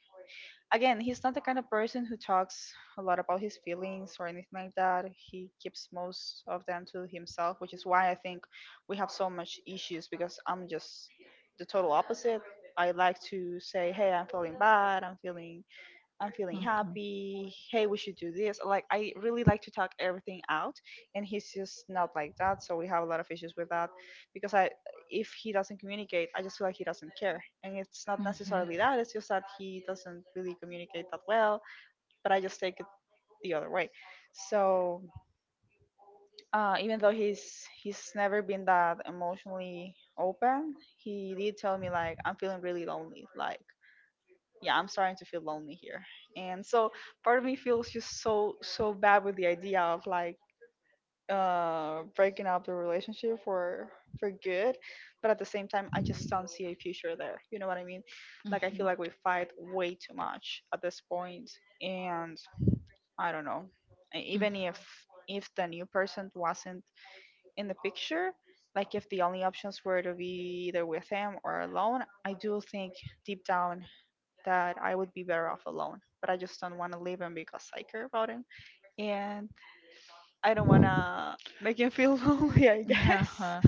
again, he's not the kind of person who talks a lot about his feelings or anything like that. He keeps most of them to himself, which is why I think we have so much issues, because I'm just the total opposite. I like to say, hey, I'm feeling bad, i'm feeling I'm feeling happy. Hey, we should do this. Like, I really like to talk everything out, and he's just not like that. So we have a lot of issues with that because, I, if he doesn't communicate, I just feel like he doesn't care. And it's not necessarily that. It's just that he doesn't really communicate that well. But I just take it the other way. So uh, even though he's he's never been that emotionally open, he did tell me, like, I'm feeling really lonely. Like, yeah, I'm starting to feel lonely here. And so part of me feels just so so bad with the idea of like uh breaking up the relationship for for good. But at the same time, I just don't see a future there, you know what I mean? Like, I feel like we fight way too much at this point, and I don't know. E-
Hmm. Hmm.
even if if the new person wasn't in the picture, like if the only options were to be either with him or alone, I do think, deep down, that I would be better off alone. But I just don't want to leave him because I care about him, and I don't want to make him feel lonely, I guess.
Uh-huh.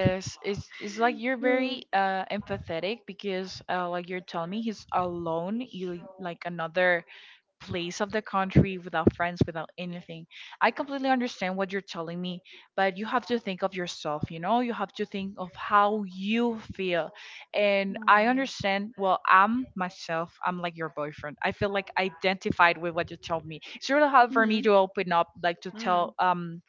it's it's like
Mm.
you're very
Mm.
uh empathetic, because uh like you're telling me he's alone, you like another place of the country without friends, without anything. I completely understand what you're telling me, but you have to think of yourself, you know? You have to think of how you feel. And I understand, well, I'm myself, I'm like your boyfriend. I feel like identified with what you told me. It's really hard for me to open up, like to tell um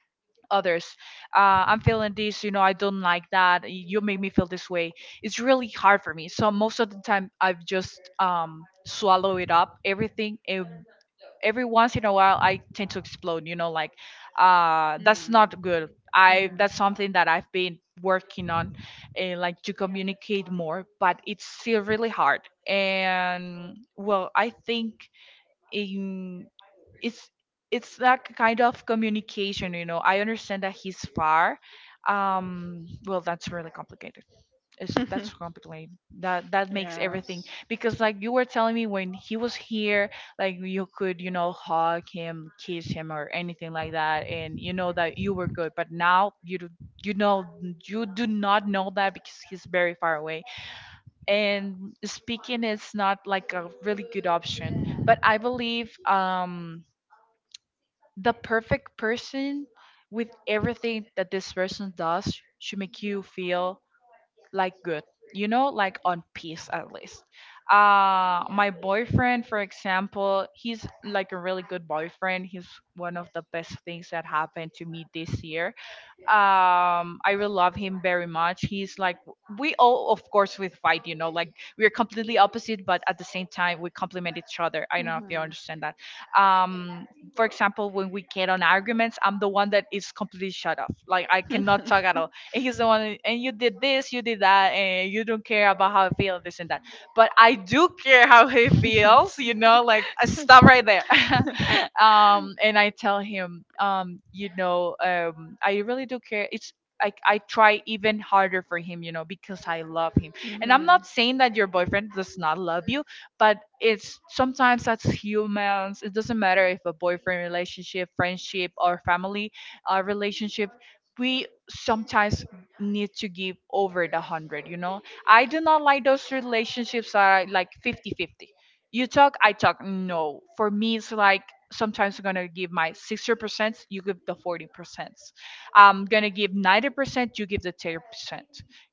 others, uh, I'm feeling this, you know, I don't like that y- you make me feel this way. It's really hard for me, so most of the time I've just, um swallow it up, everything. And every once in a while I tend to explode, you know, like, uh that's not good. I
Mhm. Mm.
That's something that I've been working
Mm.
on, uh, like, to communicate more, but it's still really hard. And, well, I think, in, it's it's that kind of communication, you know. I understand that he's far. Um well, that's really complicated. It's,
Mhm.
that's complicated. That that makes everything.
Yes.
Because, like you were telling me, when he was here, like, you could, you know, hug him, kiss him, or anything like that, and you know that you were good. But now you do, you know, you do not know that, because he's very far away. And speaking is not like a really good option. But I believe, um the perfect person, with everything that this person does, should make you feel like good, you know, like on peace, at least. Uh my boyfriend, for example, he's like a really good boyfriend. He's one of the best things that happened to me this year. um I really love him very much. He's like, we all, of course we fight, you know, like, we're completely opposite, but at the same time we complement each other. I don't know if you understand that. um for example, when we get on arguments, I'm the one that is completely shut off, like, I cannot talk at all. And he's the one, and you did this, you did that, and you don't care about how I feel, this and that. But I do care how he feels, you know, like, uh, stop right there. Um, and I tell him, um, you know, um, I really do care. It's, I, I try even harder for him, you know, because I love him. And I'm not
Mhm.
saying that your boyfriend does not love you, but it's sometimes that's humans. It doesn't matter if a boyfriend relationship, friendship, or family uh, relationship. We sometimes need to give over the hundred, you know, I do not like those relationships that are like fifty-fifty. You talk, I talk. No. For me it's like sometimes I'm gonna give my sixty percent, you give the forty percent. I'm gonna give ninety percent, you give the ten percent.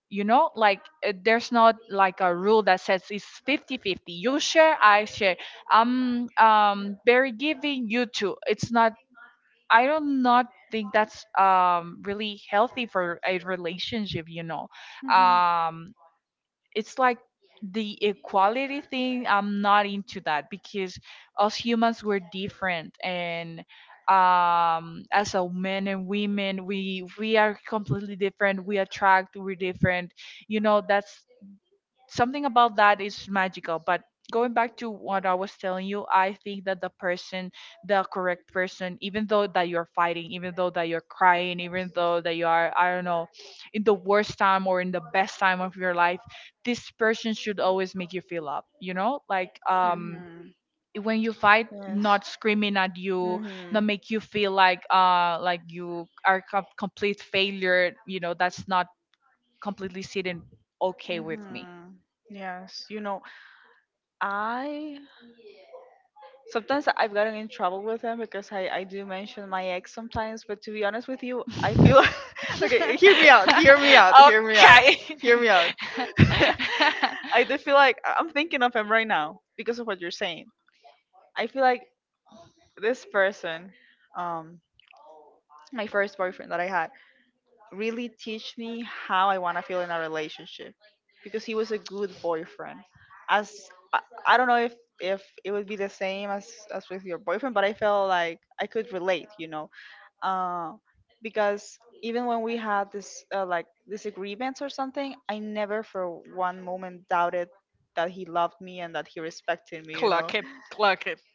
You know, like uh, there's not like a rule that says it's fifty-fifty. You share, I share. I'm um very giving, you too. It's not, I don't not think that's um really healthy for a relationship, you know.
Mhm.
um it's like the equality thing, I'm not into that because us humans, we're different. And um as a men and women, we we are completely different, we attract, we're different. You know, that's something about that is magical. But going back to what I was telling you, I think that the person, the correct person, even though that you're fighting, even though that you're crying, even though that you are, I don't know, in the worst time or in the best time of your life, this person should always make you feel up, you know, like. Um
Mhm.
when you fight,
Yes.
not screaming at you, not
Mhm.
make you feel like uh like you are a complete failure, you know. That's not completely sitting okay with me.
Mhm. Yes, you know, I sometimes I've gotten in trouble with them because I I do mention my ex sometimes. But to be honest with you, I feel okay, hear me
Okay.
out, hear me out, hear me out, okay, hear me out. I do feel like I- I'm thinking of him right now because of what you're saying. I feel like this person, um, my first boyfriend that I had, really teach me how I want to feel in a relationship, because he was a good boyfriend. As, I, I don't know if if it would be the same as as with your boyfriend, but I felt like I could relate, you know, uh, because even when we had this uh, like, disagreements or something, I never for one moment doubted that he loved me and that he respected me, you know.
Okay.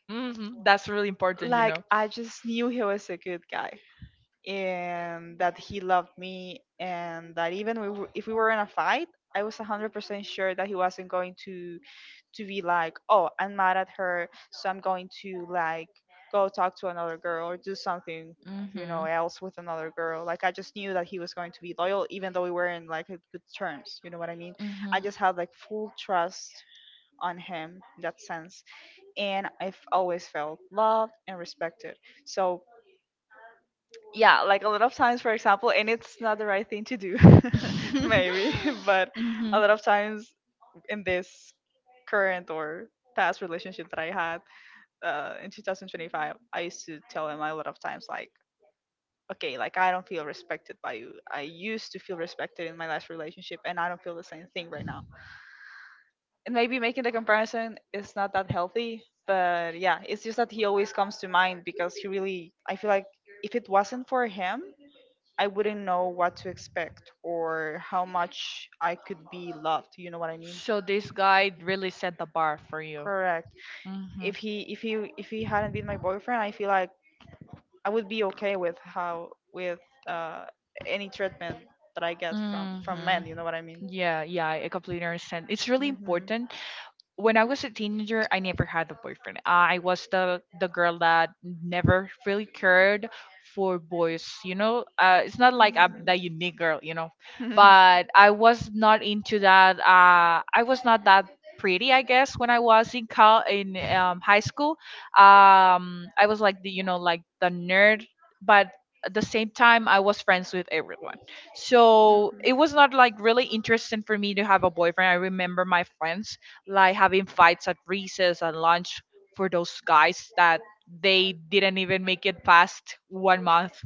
Hmm. That's really important, you
Like,
know.
I just knew he was a good guy and that he loved me, and that even we were, if we were in a fight, I was one hundred percent sure that he wasn't going to to be like, oh, I'm mad at her, so I'm going to, like, go talk to another girl or do something, you know,
Hmm.
else with another girl. Like, I just knew that he was going to be loyal, even though we were in like a good terms, you know what I mean?
Hmm.
I just had like full trust on him in that sense, and I've always felt loved and respected. So, yeah, like, a lot of times, for example, and it's not the right thing to do maybe but
Hmm.
a lot of times in this current or past relationship that I had, uh, in two thousand twenty-five, I used to tell him a lot of times, like, okay, like, I don't feel respected by you. I used to feel respected in my last relationship, and I don't feel the same thing right now. And maybe making the comparison is not that healthy, but, yeah, it's just that he always comes to mind, because he really, I feel like if it wasn't for him, I wouldn't know what to expect or how much I could be loved. You know what I mean?
So this guy really set the bar for you.
Correct.
Mm-hmm.
If he, if he, if he hadn't been my boyfriend, I feel like I would be okay with how, with uh any treatment that I get from from
Mm-hmm.
men. You know what I mean?
Yeah, yeah, I completely understand. It's really
Mhm.
important. When I was a teenager, I never had a boyfriend. I was the the girl that never really cared for boys. You know, uh, it's not like I'm the unique girl. You know, but I was not into that. Uh, I was not that pretty, I guess, when I was in col- in um, high school. Um, I was like the, you know, like the nerd, but at the same time I was friends with everyone. So it was not like really interesting for me to have a boyfriend. I remember my friends like having fights at recess and lunch for those guys that they didn't even make it past one month,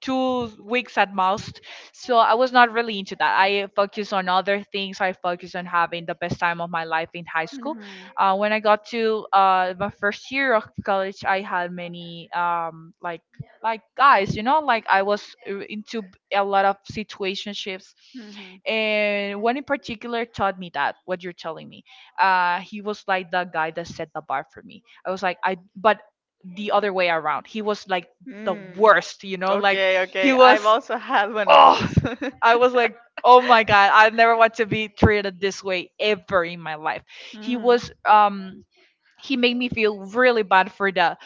two weeks at most. So I was not really into that. I focused on other things. I focused on having the best time of my life in high
Mhm.
school.
Mhm.
Uh, when I got to uh, my first year of college, I had many um, like like guys, you know, like I was uh, into a lot of situationships,
Hmm.
and one in particular taught me that, what you're telling me. Uh he was like the guy that set the bar for me. I was like, I, but the other way around, he was like the
Mm.
worst, you know, like.
Okay,
He
okay. I've
was
also had one of
Oh,
those.
I was like, oh my god, I never want to be treated this way ever in my life. He
Mhm.
was um he made me feel really bad for the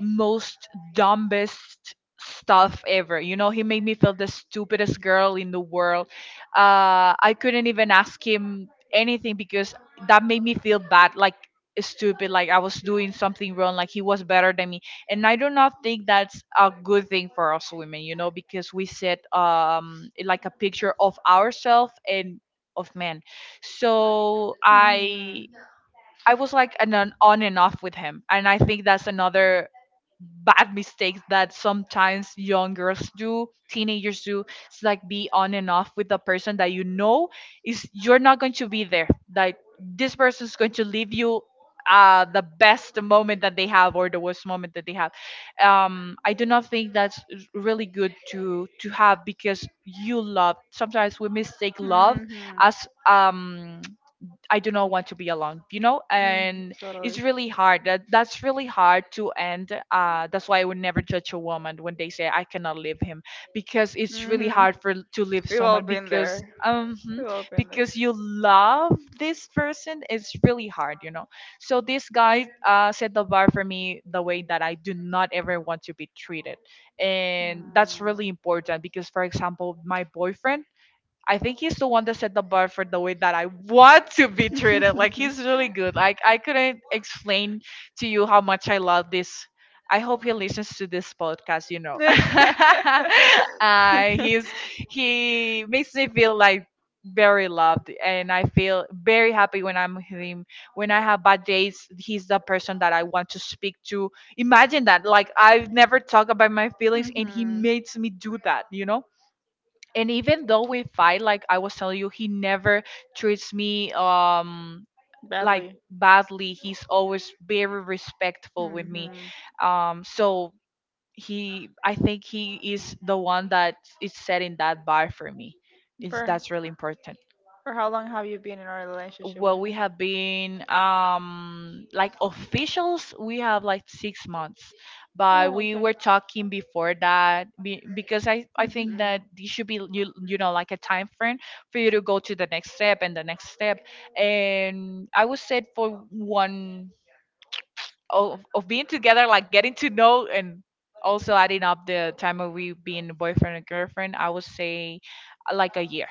most dumbest stuff ever. You know, he made me feel the stupidest girl in the world. Uh, I couldn't even ask him anything because that made me feel bad, like stupid, like I was doing something wrong, like he was better than me. And I do not think that's a good thing for us women, you know, because we set um like a picture of ourselves and of men. So I
Hmm.
I was like an, an on and off with him, and I think that's another bad mistakes that sometimes young girls do, teenagers do. It's like be on and off with the person that you know is, you're not going to be there. Like this person's going to leave you uh the best moment that they have or the worst moment that they have. Um I do not think that's really good to to have, because you love, sometimes we mistake love
Mm-hmm.
as um I do not want to be alone, you know, and it's really
Totally.
hard. That, that's really hard to end. Uh, that's why I would never judge a woman when they say I cannot leave him, because it's really hard for to leave
We've all
someone
been
because
there.
um mhm,
We've all been there.
because you love this person. It's really hard, you know. So this guy uh set the bar for me the way that I do not ever want to be treated, and that's really important because, for example, my boyfriend, I think he's the one that set the bar for the way that I want to be treated. Like he's really good. Like I couldn't explain to you how much I love this. I hope he listens to this podcast, you know. uh, he's he makes me feel like very loved, and I feel very happy when I'm with him. When I have bad days, he's the person that I want to speak to. Imagine that. Like I've never talked about my feelings and he makes me do that, you know? And even though we fight, like I was telling you, he never treats me um like
Badly.
badly. He's always very respectful with me.
Hmm.
um so he, I think he is the one that is setting that bar for me. It's,
For
that's really important.
for how long have you been in a relationship
Well,
with
we
him?
have been um like officials, we have like six months, but we were talking before that be- because i i think that this should be you, you know, like a time frame for you to go to the next step and the next step. And I would say for one of, of being together, like getting to know, and also adding up the time of we being boyfriend and girlfriend, I would say uh, like a year.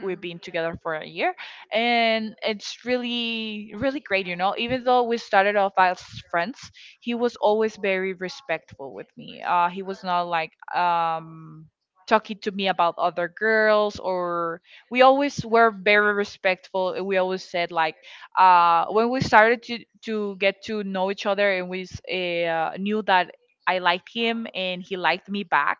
We've been together for a year, and it's really really great, you know, even though we started off as friends. He was always very respectful with me. Uh he was not like um talking to me about other girls, or we always were very respectful, and we always said like uh when we started to to get to know each other, and we s- uh, knew that I liked him and he liked me back.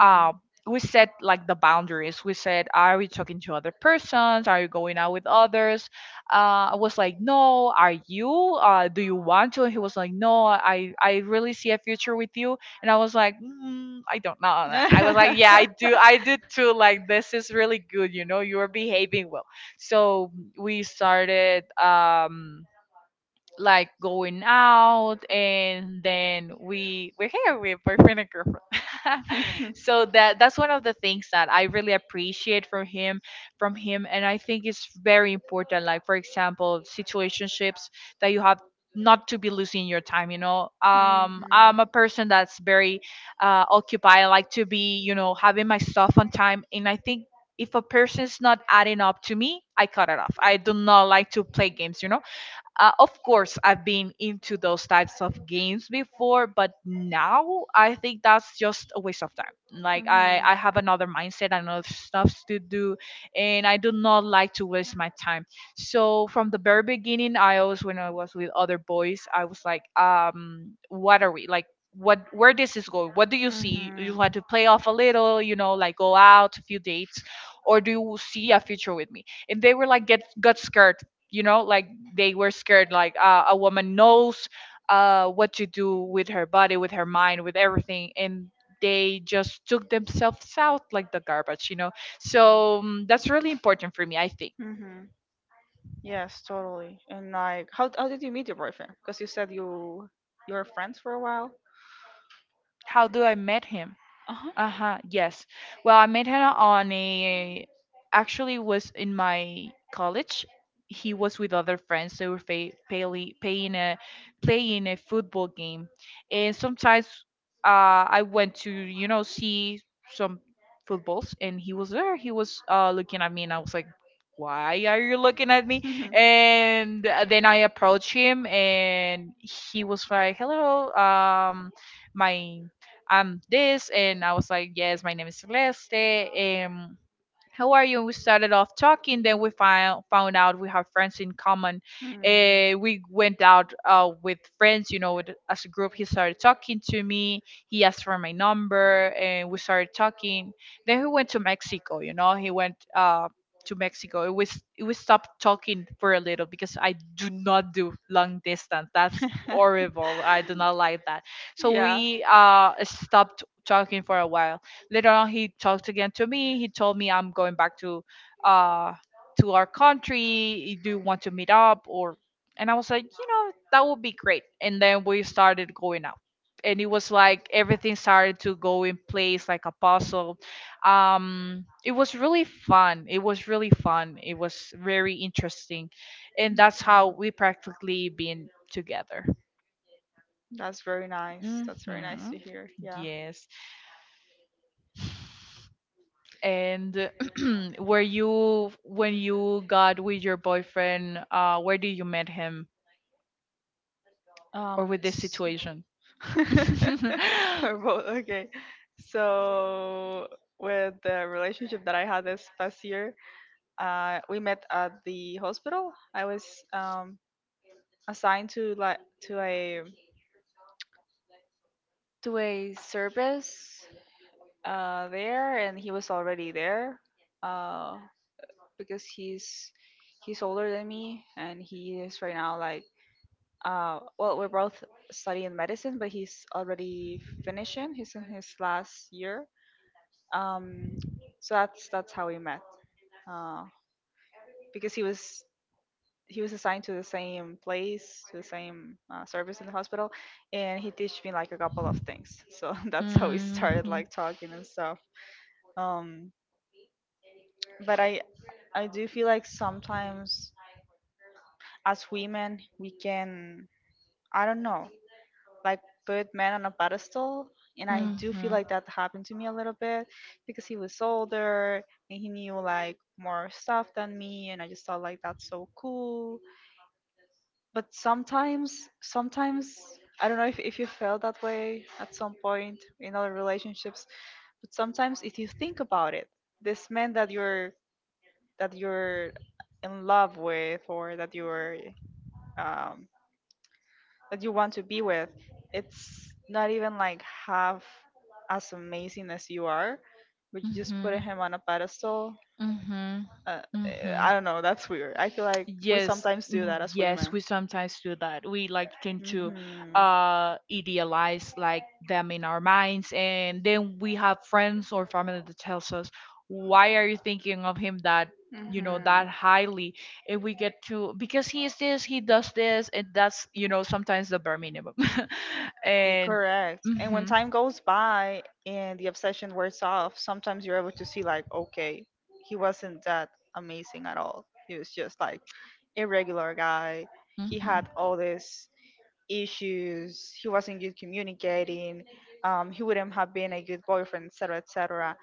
Um, we set like the boundaries. We said, are we talking to other persons? Are you going out with others? Uh, I was like, no. Are you? Uh, do you want to? And he was like, no. I I really see a future with you. And I was like, mm, I don't know. I was like, yeah, I do. I do too. Like this is really good. You know, you are behaving well. So we started. Um, like going out, and then we, we're here with boyfriend and girlfriend. So that, that's one of the things that I really appreciate from him from him. And I think it's very important, like, for example, situationships that you have, not to be losing your time, you know. Um,
Mhm.
I'm a person that's very uh occupied. I like to be, you know, having my stuff on time, and I think if a person's not adding up to me, I cut it off. I do not like to play games, you know. Uh, of course, I've been into those types of games before, but now I think that's just a waste of time. Like I,
Mhm.
I have another mindset, another stuff to do, and I do not like to waste my time. So from the very beginning, I always, when I was with other boys, I was like, um, what are we like? What, where this is going? What do you see? You
Mhm.
want to play off a little, you know, like go out a few dates, or do you see a future with me? And they were like, get got scared, you know like they were scared like uh, a woman knows uh, what to do with her body, with her mind, with everything, and they just took themselves out like the garbage, you know. So mm, that's really important for me, I think.
Mhm. Yes, totally. And, like, how how did you meet your boyfriend? Because you said you, you were friends for a while.
How do I met him?
Uh huh.
Uh-huh, yes. Well, I met him on a actually was in my college. He was with other friends. They were fa- payly, paying a playing a football game, and sometimes uh, I went to, you know, see some footballs, and he was there. He was uh, looking at me, and I was like, "Why are you looking at me?" And then I approached him, and he was like, "Hello, um, my I'm this." And I was like, yes, my name is Celeste. Um, how are you? And we started off talking. Then we found found out we have friends in common.
Mhm.
Uh, we went out uh, with friends, you know, with, as a group. He started talking to me. He asked for my number, and we started talking. Then he went to Mexico. You know, he went uh, to Mexico. It was it was stopped talking for a little, because I do not do long distance. That's horrible. I do not like that. So
Yeah.
we uh stopped talking for a while. Later on, he talked again to me. He told me, I'm going back to uh to our country. Do you want to meet up or? And I was like, you know, that would be great. And then we started going out, and it was like everything started to go in place like a puzzle. Um, it was really fun. It was really fun it was very interesting,
Mm.
and that's how we practically been together.
That's very nice. That's very nice
Hmm.
to hear. Yeah.
Yes. And were you when you got with your boyfriend? Uh, where did you met him, or
Um.
with this
s-
situation?
Or both. Okay. So, with the relationship that I had this past year, uh, we met at the hospital. I was um, assigned to like, to a to a service uh, there, and he was already there, uh, because he's he's older than me, and he is right now like, uh, well, we're both studying medicine, but he's already finishing. He's in his last year. Um, so that's that's how we met. Uh, because he was, he was assigned to the same place, to the same uh, service in the hospital, and he teach me like a couple of things. So that's how we started
Mhm.
like talking and stuff. Um, but I I do feel like sometimes, as women, we can, I don't know, like, put men on a pedestal. And I do feel
Mhm.
like that happened to me a little bit, because he was older and he knew like more stuff than me, and I just thought like, that's so cool. But sometimes sometimes, I don't know if, if you felt that way at some point in other relationships, but sometimes if you think about it, this man that you're that you're in love with, or that you're, um, that you want to be with, it's not even like half as amazing as you are, but you just put
Mhm.
him on a pedestal.
Mhm.
Uh, eh,
Mm-hmm.
I don't know. That's weird. I feel like we
Yes,
sometimes do
mm,
that as
yes,
women.
we sometimes do that. We like tend to
Hmm.
uh idealize like them in our minds, and then we have friends or family that tells us, "Why are you thinking of him that, you know,
Hmm.
that highly?" And we get to, because he is this, he does this, and that's, you know, sometimes the bare minimum.
Y-
And
Correct. And when
mm-hmm,
time goes by and the obsession wears off, sometimes you're able to see like, okay, he wasn't that amazing at all. He was just like a regular guy. He
mm-hmm.
had all this issues. He wasn't good communicating, um, he wouldn't have been a good boyfriend, etc, etc.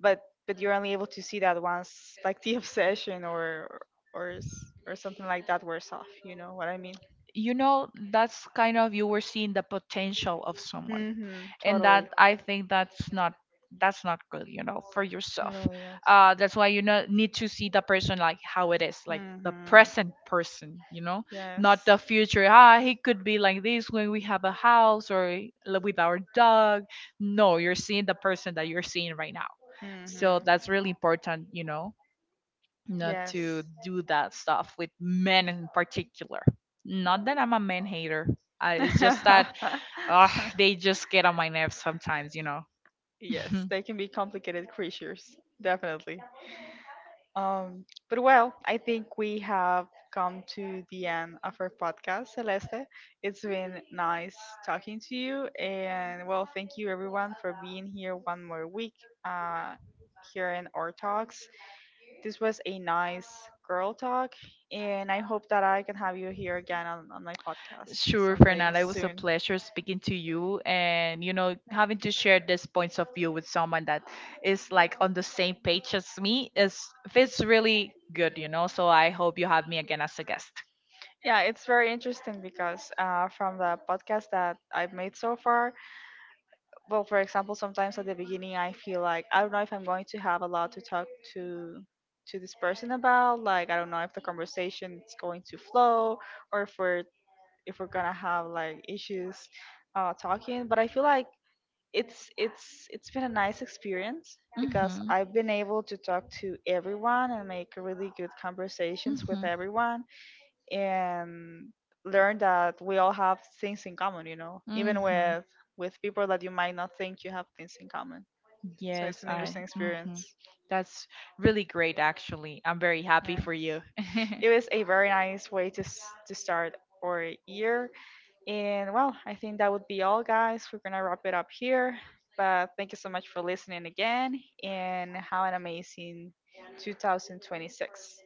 but but you're only able to see that once like the obsession or, or s- or something like that wears off, you know what I mean?
You know, that's kind of, you were seeing the potential of someone,
Mm-hmm,
and
totally.
that, I think that's not that's not good, you know, for yourself.
Totally, yes.
Uh that's why, you know, need to see the person like how it is, like the
Mm-hmm.
present person, you know.
Yes.
Not the future, ah, he could be like this when we have a house or li- with our dog. No, you're seeing the person that you're seeing right now.
Mm-hmm.
So that's really important, you know, not to
Yes.
do that stuff with men in particular. Not that I'm a man hater. I, it's just that uh, they just get on my nerves sometimes, you know.
Yes, they can be complicated creatures, definitely. Um, but well, I think we have come to the end of our podcast, Celeste. It's been nice talking to you, and, well, thank you everyone for being here one more week, uh, here in our talks. This was a nice girl talk, and I hope that I can have you here again on, on my podcast
Sure,
someday
Fernanda, it was a
soon.
pleasure speaking to you, and, you know, having to share these points of view with someone that is like on the same page as me, is, feels really good, you know. So I hope you have me again as a guest.
Yeah, it's very interesting because, uh, from the podcast that I've made so far, well, for example, sometimes at the beginning I feel like I don't know if I'm going to have a lot to talk to to this person about. Like, I don't know if the conversation is going to flow, or if we're, if we're gonna have like issues uh, talking. But I feel like it's it's it's been a nice experience, because
Hmm.
I've been able to talk to everyone and make really good conversations with
Mhm.
everyone, and learn that we all have things in common, you know, even
Mhm.
with with people that you might not think you have things in common. So it's
Yes,
an
I.
interesting
Mhm.
experience.
That's really great, actually. I'm very happy for
Yeah.
you.
It was a very nice way to s- to start our year. And, well, I think that would be all, guys. We're gonna wrap it up here. But thank you so much for listening again, and have an amazing twenty twenty-six.